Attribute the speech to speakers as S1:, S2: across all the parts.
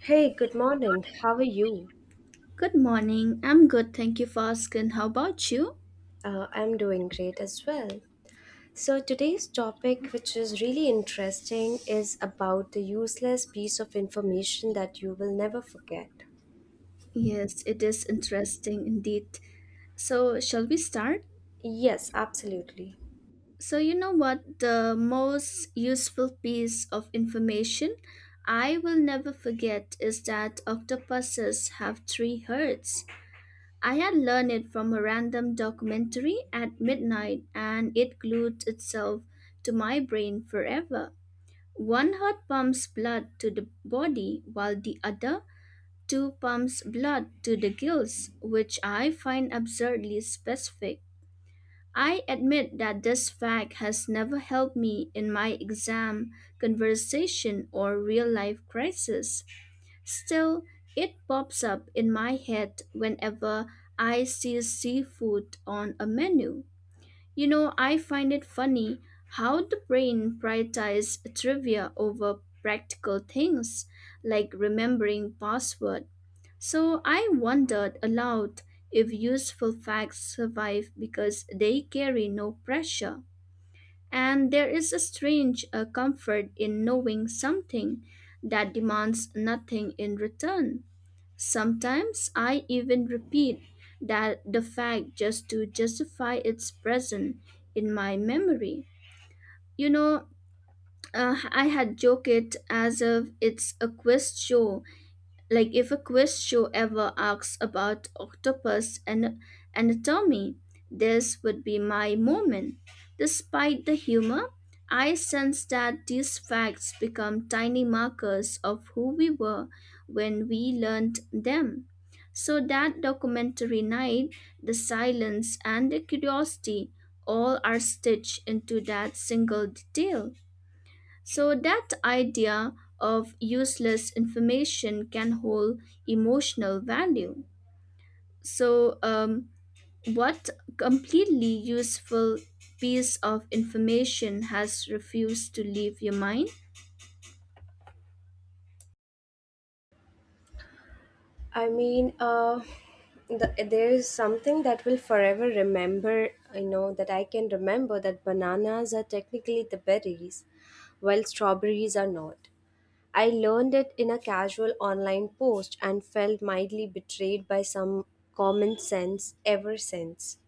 S1: Hey, good morning. How are you?
S2: Good morning. I'm good. Thank you for asking. How about you?
S1: I'm doing great as well. So, today's topic, which is really interesting, is about the useless piece of information that you will never forget.
S2: Yes, it is interesting indeed. So, shall we start?
S1: Yes, absolutely.
S2: So, you know what? The most useful piece of information I will never forget is that octopuses have three hearts. I had learned it from a random documentary at midnight and it glued itself to my brain forever. One heart pumps blood to the body while the other 2 pumps blood to the gills, which I find absurdly specific. I admit that this fact has never helped me in my exam, conversation, or real life crisis. Still, it pops up in my head whenever I see seafood on a menu. You know, I find it funny how the brain prioritizes trivia over practical things like remembering password so I wondered aloud if useful facts survive because they carry no pressure. And there is a strange comfort in knowing something that demands nothing in return. Sometimes I even repeat that the fact just to justify its presence in my memory. You know, I had joked as if it's a quiz show like if a quiz show ever asks about octopus and anatomy, this would be my moment. Despite the humor, I sense that these facts become tiny markers of who we were when we learned them. So that documentary night, the silence and the curiosity all are stitched into that single detail. So that idea of useless information can hold emotional value. So, what completely useful piece of information has refused to leave your mind?
S1: I mean, there is something that will forever remember, that I can remember that bananas are technically the berries, while strawberries are not. I learned it in a casual online post and felt mildly betrayed by some common sense ever since.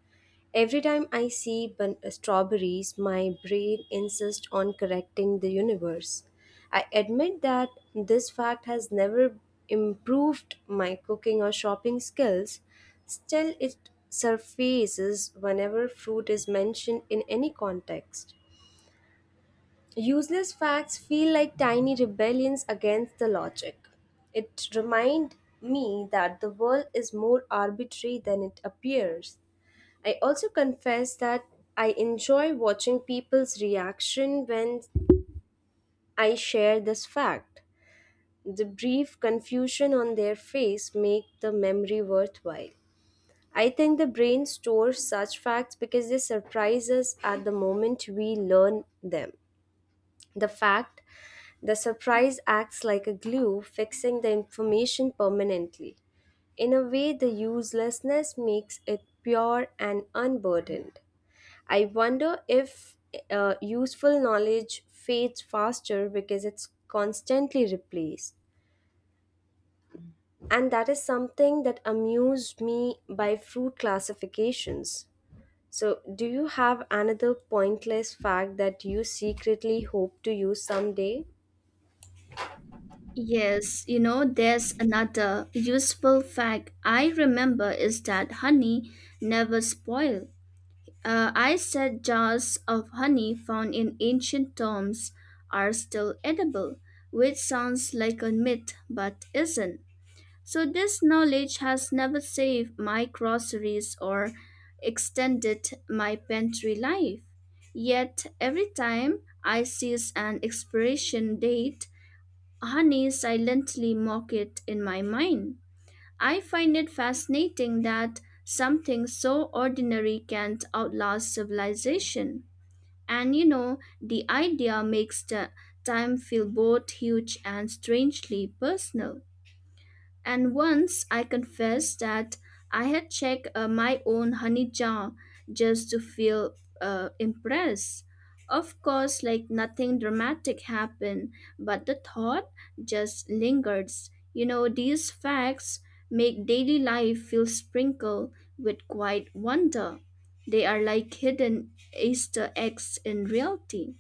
S1: Every time I see strawberries, my brain insists on correcting the universe. I admit that this fact has never improved my cooking or shopping skills. Still, it surfaces whenever fruit is mentioned in any context. Useless facts feel like tiny rebellions against the logic. It reminds me that the world is more arbitrary than it appears. I also confess that I enjoy watching people's reaction when I share this fact. The brief confusion on their face make the memory worthwhile. I think the brain stores such facts because they surprise us at the moment we learn them. The fact The surprise acts like a glue, fixing the information permanently. In a way, the uselessness makes it pure and unburdened. I wonder if useful knowledge fades faster because it's constantly replaced. And that is something that amused me by fruit classifications. So, do you have another pointless fact that you secretly hope to use someday?
S2: Yes, you know, there's another useful fact I remember is that honey never spoils. I said jars of honey found in ancient tombs are still edible, which sounds like a myth but isn't. So, this knowledge has never saved my groceries or extended my pantry life. Yet, every time I seize an expiration date, honey silently mock it in my mind. I find it fascinating that something so ordinary can outlast civilization. And you know, the idea makes the time feel both huge and strangely personal. And once I confessed that I had checked my own honey jar just to feel impressed. Of course, like nothing dramatic happened, but the thought just lingers. You know, these facts make daily life feel sprinkled with quiet wonder. They are like hidden Easter eggs in reality.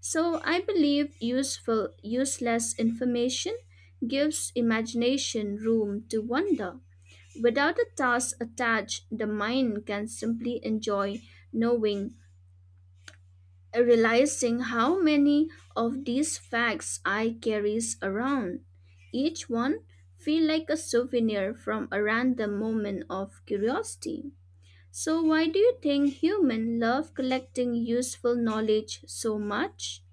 S2: So I believe useless information gives imagination room to wonder. Without a task attached, the mind can simply enjoy knowing, realizing how many of these facts I carries around. Each one feel like a souvenir from a random moment of curiosity. So why do you think human love collecting useful knowledge so much?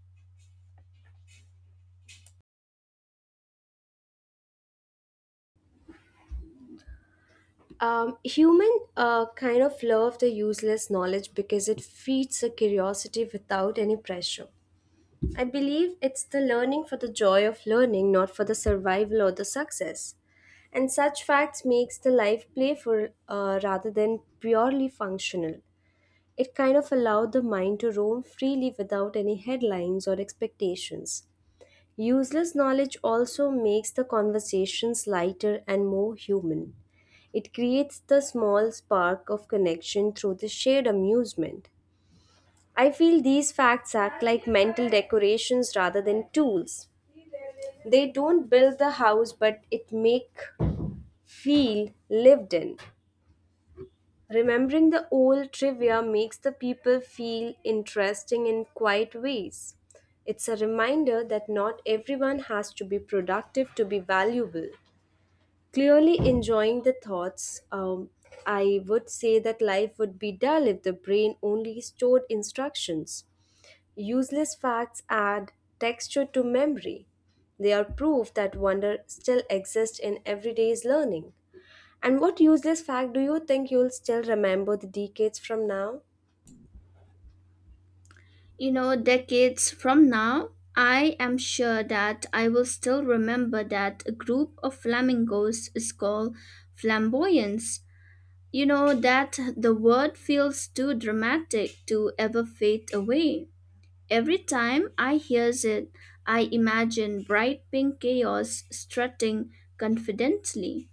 S1: Human kind of love the useless knowledge because it feeds a curiosity without any pressure. I believe it's the learning for the joy of learning, not for the survival or the success. And such facts makes the life playful rather than purely functional. It kind of allowed the mind to roam freely without any headlines or expectations. Useless knowledge also makes the conversations lighter and more human. It creates the small spark of connection through the shared amusement. I feel these facts act like mental decorations rather than tools. They don't build the house, but it make feel lived in. Remembering the old trivia makes the people feel interesting in quiet ways. It's a reminder that not everyone has to be productive to be valuable. Clearly enjoying the thoughts, I would say that life would be dull if the brain only stored instructions. Useless facts add texture to memory. They are proof that wonder still exists in everyday's learning. And what useless fact do you think you'll still remember the decades from now?
S2: You know, decades from now, I am sure that I will still remember that a group of flamingos is called flamboyance. You know, that the word feels too dramatic to ever fade away. Every time I hears it, I imagine bright pink chaos strutting confidently.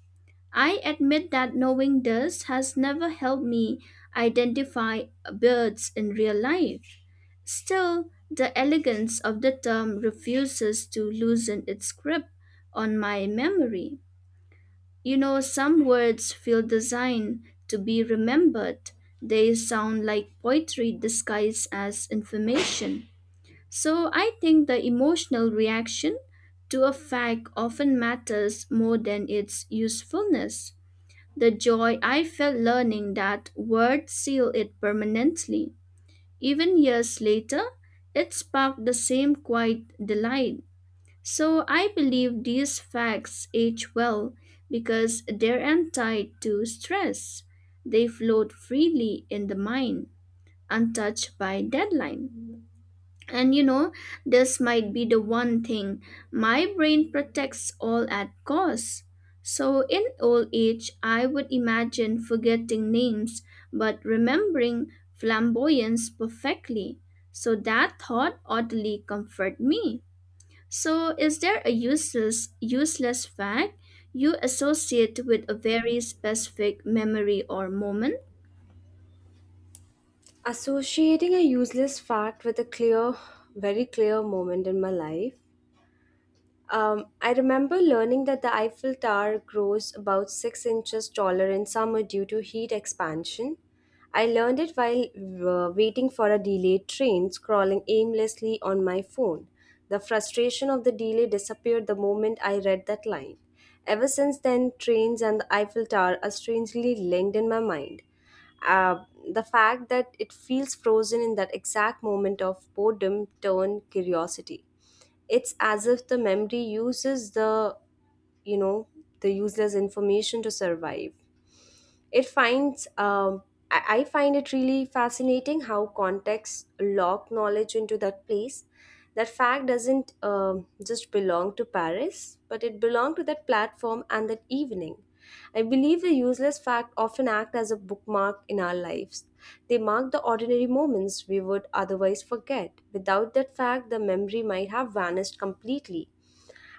S2: I admit that knowing this has never helped me identify birds in real life. Still, the elegance of the term refuses to loosen its grip on my memory. You know, some words feel designed to be remembered. They sound like poetry disguised as information. So I think the emotional reaction to a fact often matters more than its usefulness. The joy I felt learning that word sealed it permanently. Even years later, it sparked the same quiet delight. So I believe these facts age well because they're untied to stress. They float freely in the mind, untouched by deadline. And you know, this might be the one thing my brain protects all at cost. So, in old age, I would imagine forgetting names but remembering flamboyance perfectly. So, that thought oddly comfort me. So, is there a useless fact you associate with a very specific memory or moment?
S1: Associating a useless fact with a clear, very clear moment in my life. I remember learning that the Eiffel Tower grows about 6 inches taller in summer due to heat expansion. I learned it while waiting for a delayed train, scrolling aimlessly on my phone. The frustration of the delay disappeared the moment I read that line. Ever since then, trains and the Eiffel Tower are strangely linked in my mind. Uh, the fact that it feels frozen in that exact moment of boredom turned curiosity. It's as if the memory uses you know, the useless information to survive. It finds I find it really fascinating how context lock knowledge into that place. That fact doesn't just belong to Paris, but it belonged to that platform and that evening. I believe the useless fact often act as a bookmark in our lives. They mark the ordinary moments we would otherwise forget. Without that fact, the memory might have vanished completely.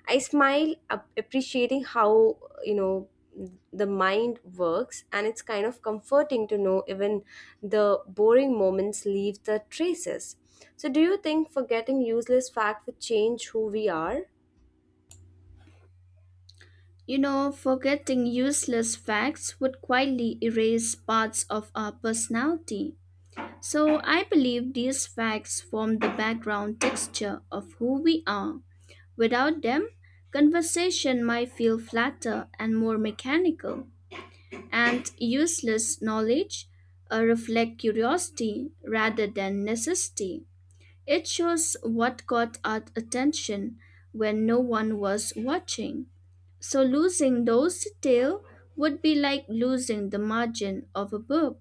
S1: I smile appreciating how you know the mind works, and it's kind of comforting to know even the boring moments leave the traces. So, do you think forgetting useless fact would change who we are?
S2: You know, forgetting useless facts would quietly erase parts of our personality. So I believe these facts form the background texture of who we are. Without them, conversation might feel flatter and more mechanical, and useless knowledge reflect curiosity rather than necessity. It shows what caught our attention when no one was watching. So losing those details would be like losing the margin of a book,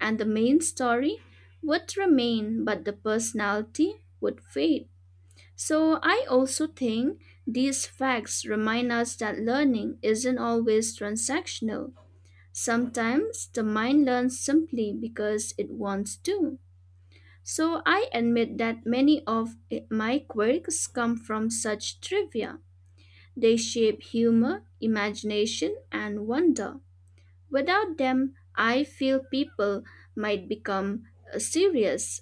S2: and the main story would remain, but the personality would fade. So I also think these facts remind us that learning isn't always transactional. Sometimes the mind learns simply because it wants to. So I admit that many of my quirks come from such trivia. They shape humor, imagination, and wonder. Without them, I feel people might become serious.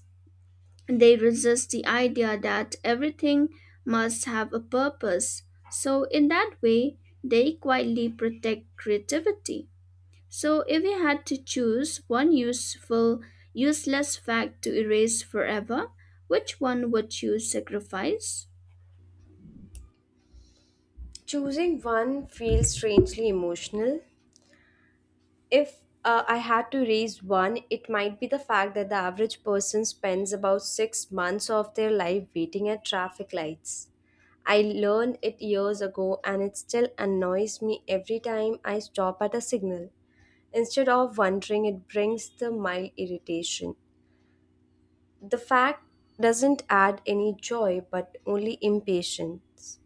S2: They resist the idea that everything must have a purpose. So, in that way, they quietly protect creativity. So, if we had to choose one useless fact to erase forever, which one would you sacrifice?
S1: Choosing one feels strangely emotional. If I had to raise one, it might be the fact that the average person spends about 6 months of their life waiting at traffic lights. I learned it years ago and it still annoys me every time I stop at a signal. Instead of wondering, it brings the mild irritation. The fact doesn't add any joy but only impatience.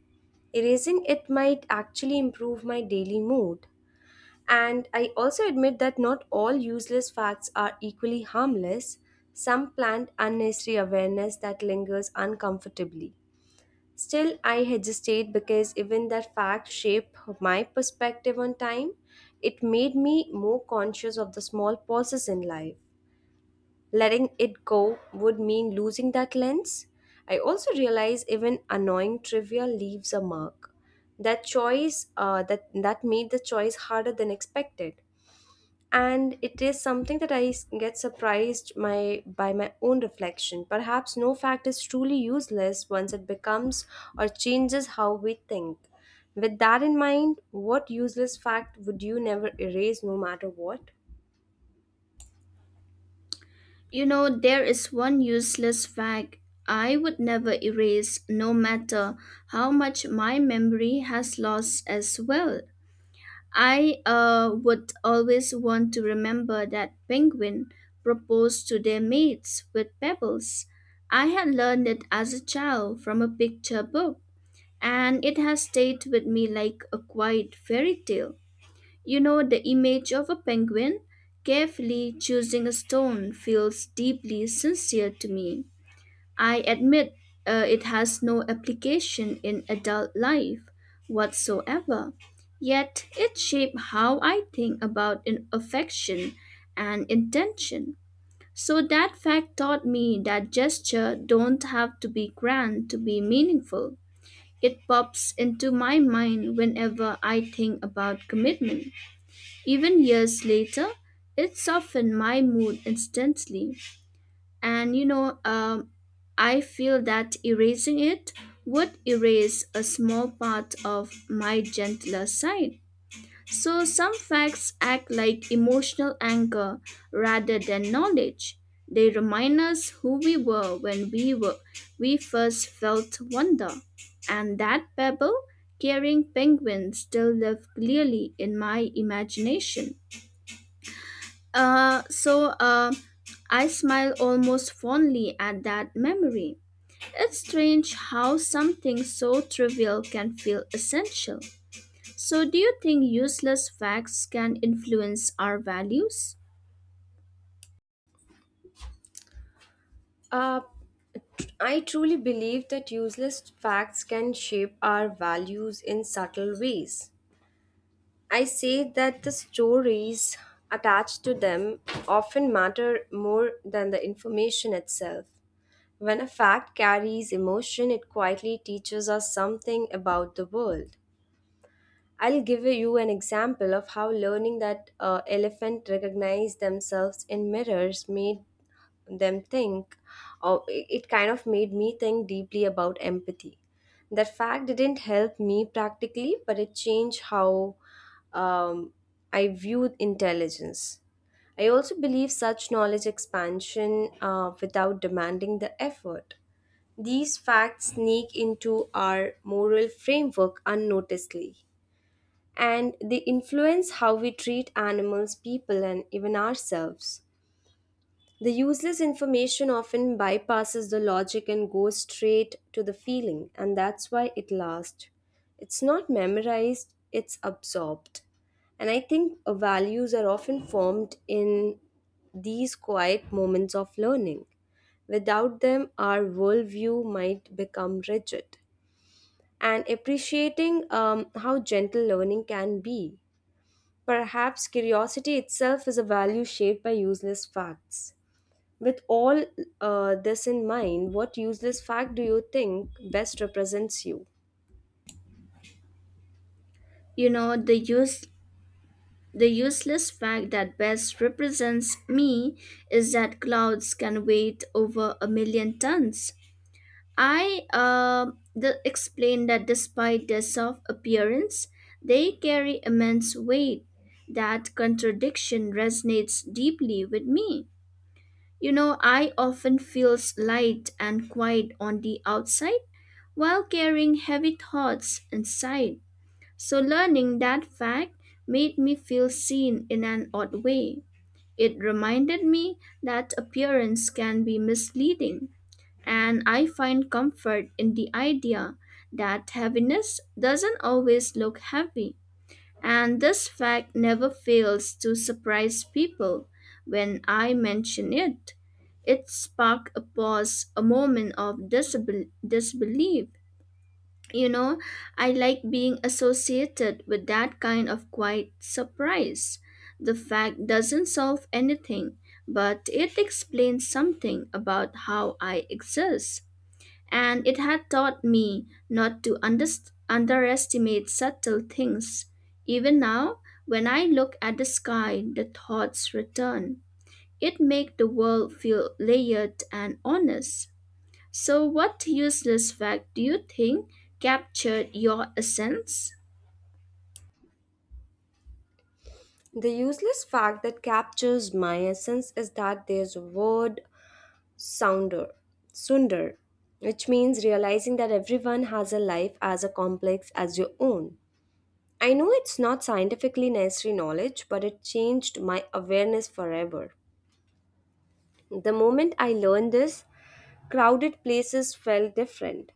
S1: Erasing it might actually improve my daily mood. And I also admit that not all useless facts are equally harmless. Some plant unnecessary awareness that lingers uncomfortably. Still, I hesitate because even that fact shaped my perspective on time. It made me more conscious of the small pauses in life. Letting it go would mean losing that lens. I also realize even annoying trivia leaves a mark. That choice, that that made the choice harder than expected, and it is something that I get surprised my by my own reflection. Perhaps no fact is truly useless once it becomes or changes how we think. With that in mind, what useless fact would you never erase, no matter what?
S2: You know, there is one useless fact I would never erase, no matter how much my memory has lost as well. I would always want to remember that penguin proposed to their mates with pebbles. I had learned it as a child from a picture book, and it has stayed with me like a quiet fairy tale. You know, the image of a penguin carefully choosing a stone feels deeply sincere to me. I admit it has no application in adult life whatsoever, yet it shaped how I think about in affection and intention. So that fact taught me that gesture don't have to be grand to be meaningful. It pops into my mind whenever I think about commitment. Even years later, it softened my mood instantly. And you know, I feel that erasing it would erase a small part of my gentler side. So some facts act like emotional anchor rather than knowledge. They remind us who we were when we first felt wonder. And that pebble carrying penguin still live clearly in my imagination. So I smile almost fondly at that memory. It's strange how something so trivial can feel essential. So, do you think useless facts can influence our values?
S1: uh, I truly believe that useless facts can shape our values in subtle ways. I say that the stories attached to them often matter more than the information itself. When a fact carries emotion, it quietly teaches us something about the world. I'll give you an example of how learning that elephant recognize themselves in mirrors made them think, or it kind of made me think deeply about empathy. That fact didn't help me practically, but it changed how um, I viewed intelligence. I also believe such knowledge expansion without demanding the effort. These facts sneak into our moral framework unnoticedly, and they influence how we treat animals, people, and even ourselves. The useless information often bypasses the logic and goes straight to the feeling, and that's why it lasts. It's not memorized, it's absorbed. And I think values are often formed in these quiet moments of learning. Without them, our worldview might become rigid. And appreciating how gentle learning can be. Perhaps curiosity itself is a value shaped by useless facts. With all this in mind, what useless fact do you think best represents you?
S2: You know, The useless fact that best represents me is that clouds can weigh over a million tons, I the explained that despite their soft appearance, they carry immense weight. That contradiction resonates deeply with me. You know, I often feels light and quiet on the outside while carrying heavy thoughts inside. So learning that fact made me feel seen in an odd way. It reminded me that appearance can be misleading and I find comfort in the idea that heaviness doesn't always look heavy. And this fact never fails to surprise people when I mention it. It sparked a pause, a moment of disbelief. You know, I like being associated with that kind of quiet surprise. The fact doesn't solve anything, but it explains something about how I exist and it had taught me not to underestimate subtle things. Even now, when I look at the sky, the thoughts return. It makes the world feel layered and honest. So, what useless fact do you think captured your essence?
S1: The useless fact that captures my essence is that there's a word sounder, sundar, which means realizing that everyone has a life as a complex as your own. I know it's not scientifically necessary knowledge, but it changed my awareness forever. The moment I learned this, crowded places felt different.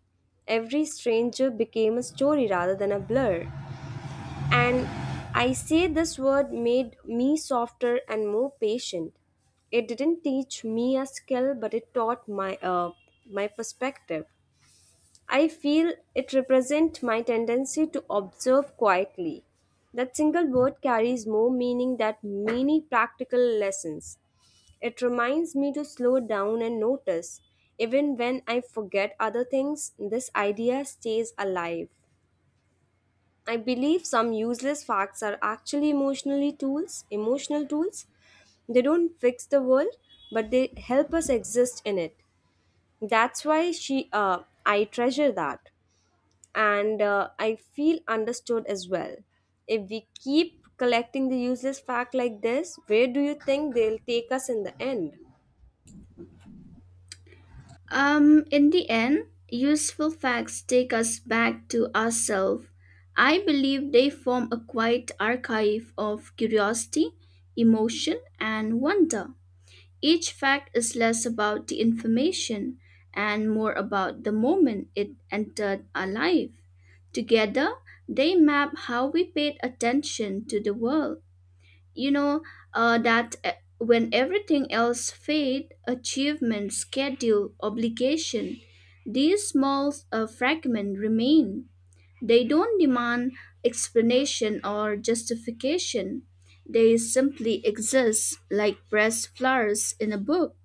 S1: Every stranger became a story rather than a blur. And I say this word made me softer and more patient. It didn't teach me a skill, but it taught my perspective. I feel it represents my tendency to observe quietly. That single word carries more meaning than many practical lessons. It reminds me to slow down and notice. Even when I forget other things, this idea stays alive. I believe some useless facts are actually emotional tools. They don't fix the world, but they help us exist in it. That's why she I treasure that and I feel understood as well. If we keep collecting the useless fact like this, where do you think they'll take us in the end?
S2: In the end, useful facts take us back to ourselves. I believe they form a quiet archive of curiosity, emotion, and wonder. Each fact is less about the information and more about the moment it entered our life. Together, they map how we paid attention to the world. You know that when everything else fade, achievement, schedule, obligation, these small fragments remain. They don't demand explanation or justification. They simply exist like pressed flowers in a book.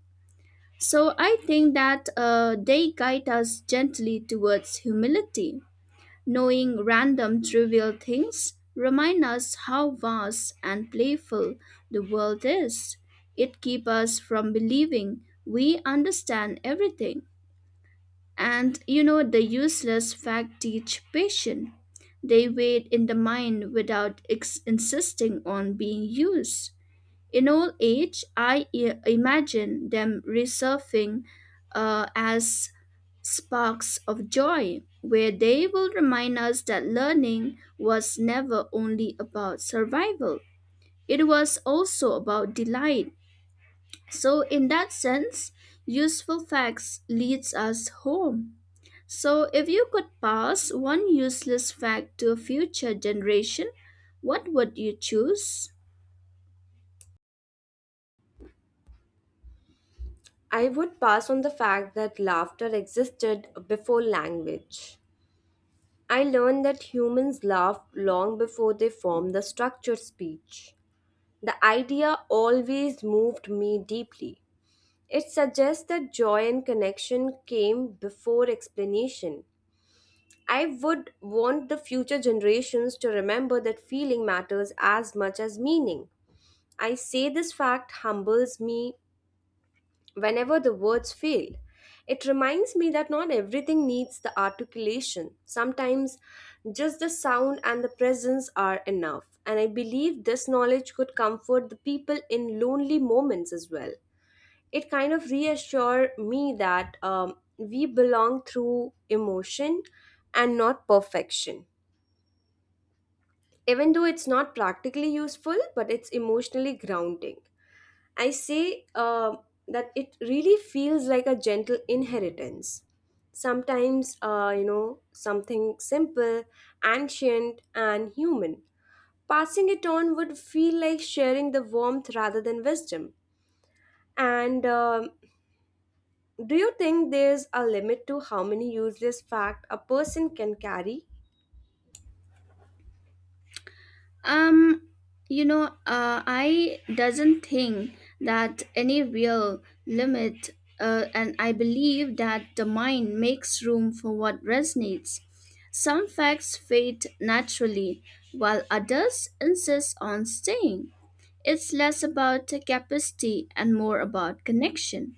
S2: So I think that they guide us gently towards humility. Knowing random trivial things remind us how vast and playful the world is. It keeps us from believing we understand everything. And you know the useless fact teach patience. They wait in the mind without insisting on being used. In old age, I imagine them resurfing as sparks of joy, where they will remind us that learning was never only about survival, it was also about delight. So, in that sense, useful facts leads us home. So, if you could pass one useless fact to a future generation, what would you choose?
S1: I would pass on the fact that laughter existed before language. I learned that humans laughed long before they formed the structured speech. The idea always moved me deeply. It suggests that joy and connection came before explanation. I would want the future generations to remember that feeling matters as much as meaning. I say this fact humbles me whenever the words fail. It reminds me that not everything needs the articulation. Sometimes just the sound and the presence are enough. And I believe this knowledge could comfort the people in lonely moments as well. It kind of reassure me that we belong through emotion and not perfection. Even though it's not practically useful, but it's emotionally grounding, I say uh, that it really feels like a gentle inheritance. Sometimes you know something simple, ancient, and human. Passing it on would feel like sharing the warmth rather than wisdom. And do you think there's a limit to how many useless fact a person can carry?
S2: Um, you know, I doesn't think that any real limit, and I believe that the mind makes room for what resonates. Some facts fade naturally, while others insist on staying. It's less about capacity and more about connection.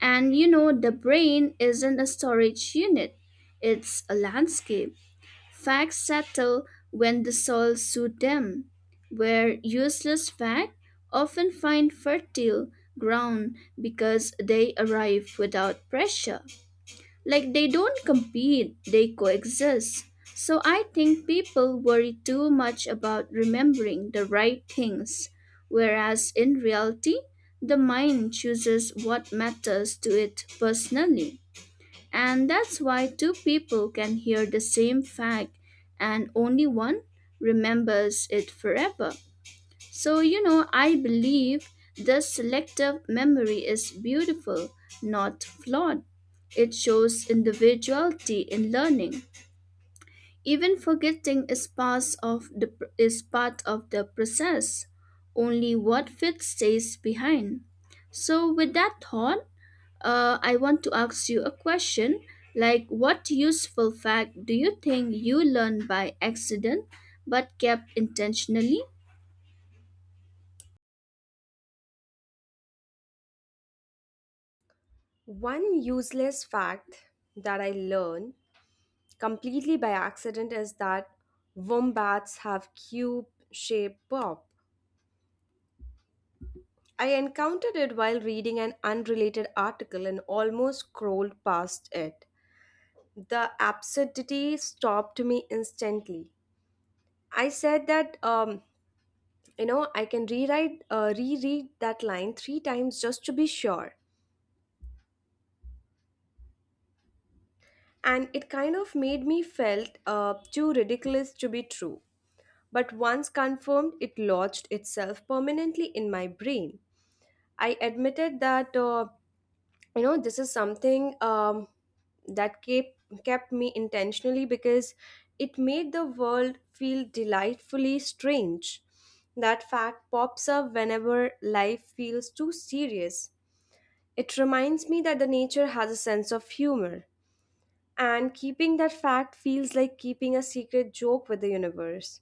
S2: And you know, the brain isn't a storage unit, it's a landscape. Facts settle when the soul suit them, where useless facts often find fertile ground because they arrive without pressure. Like they don't compete, they coexist. So I think people worry too much about remembering the right things, whereas in reality, the mind chooses what matters to it personally. And that's why two people can hear the same fact and only one remembers it forever. So, you know, I believe the selective memory is beautiful, not flawed. It shows individuality in learning. Even forgetting is part of the process. Only what fits stays behind. So with that thought, I want to ask you a question like, what useful fact do you think you learned by accident but kept intentionally?
S1: One useless fact that I learned completely by accident is that wombats have cube shaped paw. I encountered it while reading an unrelated article and almost scrolled past it. The absurdity stopped me instantly. I said that I can rewrite reread that line three times just to be sure, and it kind of made me felt too ridiculous to be true. But once confirmed, it lodged itself permanently in my brain. I admitted that this is something that kept me intentionally because it made the world feel delightfully strange. That fact pops up whenever life feels too serious. It reminds me that the nature has a sense of humor, and keeping that fact feels like keeping a secret joke with the universe.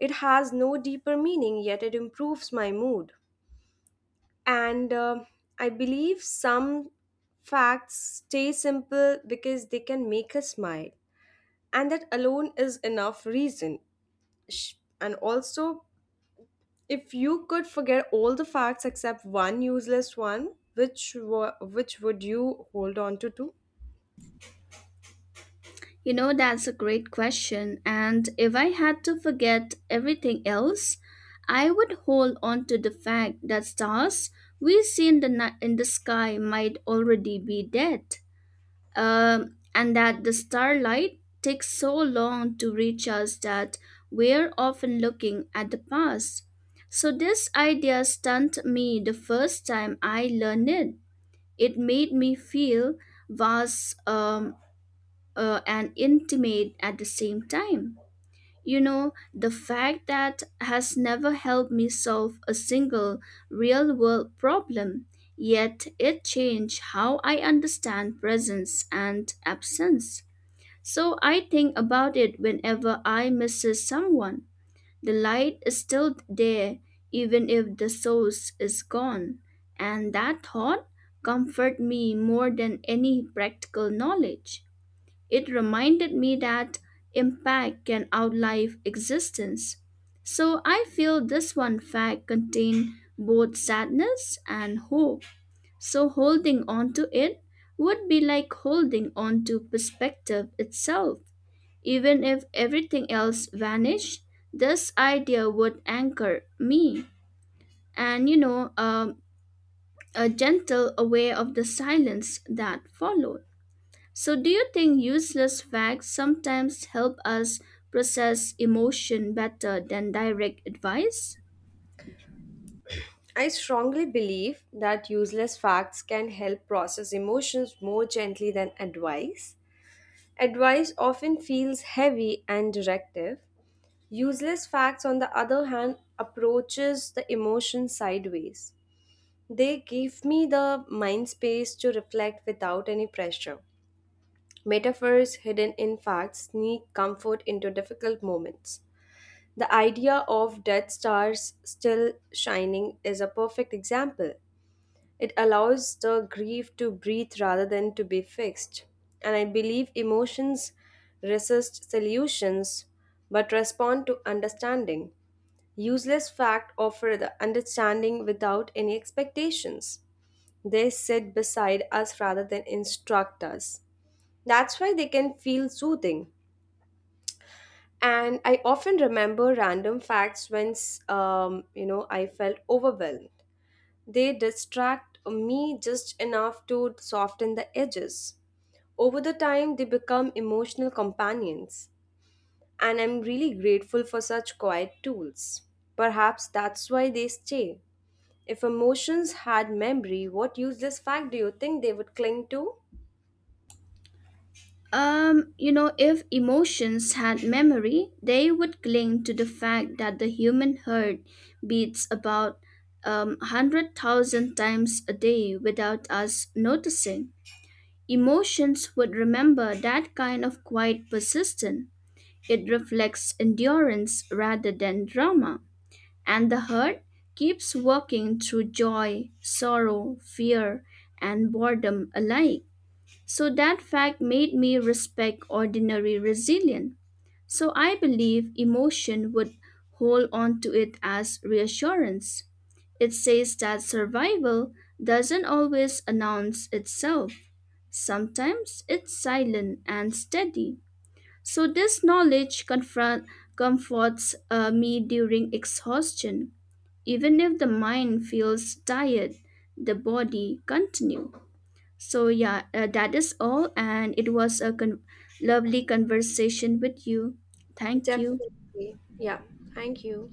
S1: It has no deeper meaning, yet it improves my mood. And I believe some facts stay simple because they can make us smile, and that alone is enough reason. Sh- and also, if you could forget all the facts except one useless one, which would you hold on to too?
S2: You know, that's a great question. And if I had to forget everything else, I would hold on to the fact that stars we see in in the sky might already be dead. And that the starlight takes so long to reach us that we're often looking at the past. So, this idea stunned me the first time I learned it. It made me feel vast and intimate at the same time. You know, the fact that has never helped me solve a single real world problem, yet it changed how I understand presence and absence. So I think about it whenever I misses someone. The light is still there, even if the source is gone. And that thought comfort me more than any practical knowledge. It reminded me that impact can outlive existence. So I feel this one fact contained both sadness and hope. So holding on to it would be like holding on to perspective itself. Even if everything else vanished, this idea would anchor me. And you know, a gentle aware of the silence that followed. So, do you think useless facts sometimes help us process emotion better than direct advice?
S1: I strongly believe that useless facts can help process emotions more gently than advice. Advice often feels heavy and directive. Useless facts, on the other hand, approaches the emotion sideways. They give me the mind space to reflect without any pressure. Metaphors hidden in facts sneak comfort into difficult moments. The idea of death stars still shining is a perfect example. It allows the grief to breathe rather than to be fixed. And I believe emotions resist solutions but respond to understanding. Useless facts offer the understanding without any expectations. They sit beside us rather than instruct us. That's why they can feel soothing. And I often remember random facts when, I felt overwhelmed. They distract me just enough to soften the edges. Over the time, they become emotional companions, and I'm really grateful for such quiet tools. Perhaps that's why they stay. If emotions had memory, what useless fact do you think they would cling to?
S2: You know, if emotions had memory, they would cling to the fact that the human heart beats about 100,000 times a day without us noticing. Emotions would remember that kind of quiet persistence. It reflects endurance rather than drama. And the heart keeps working through joy, sorrow, fear, and boredom alike. So that fact made me respect ordinary resilience. So I believe emotion would hold on to it as reassurance. It says that survival doesn't always announce itself. Sometimes it's silent and steady. So this knowledge comforts me during exhaustion, even if the mind feels tired, the body continue. So yeah, that is all and it was a lovely conversation with you. Thank you.
S1: Definitely. Yeah. Thank you.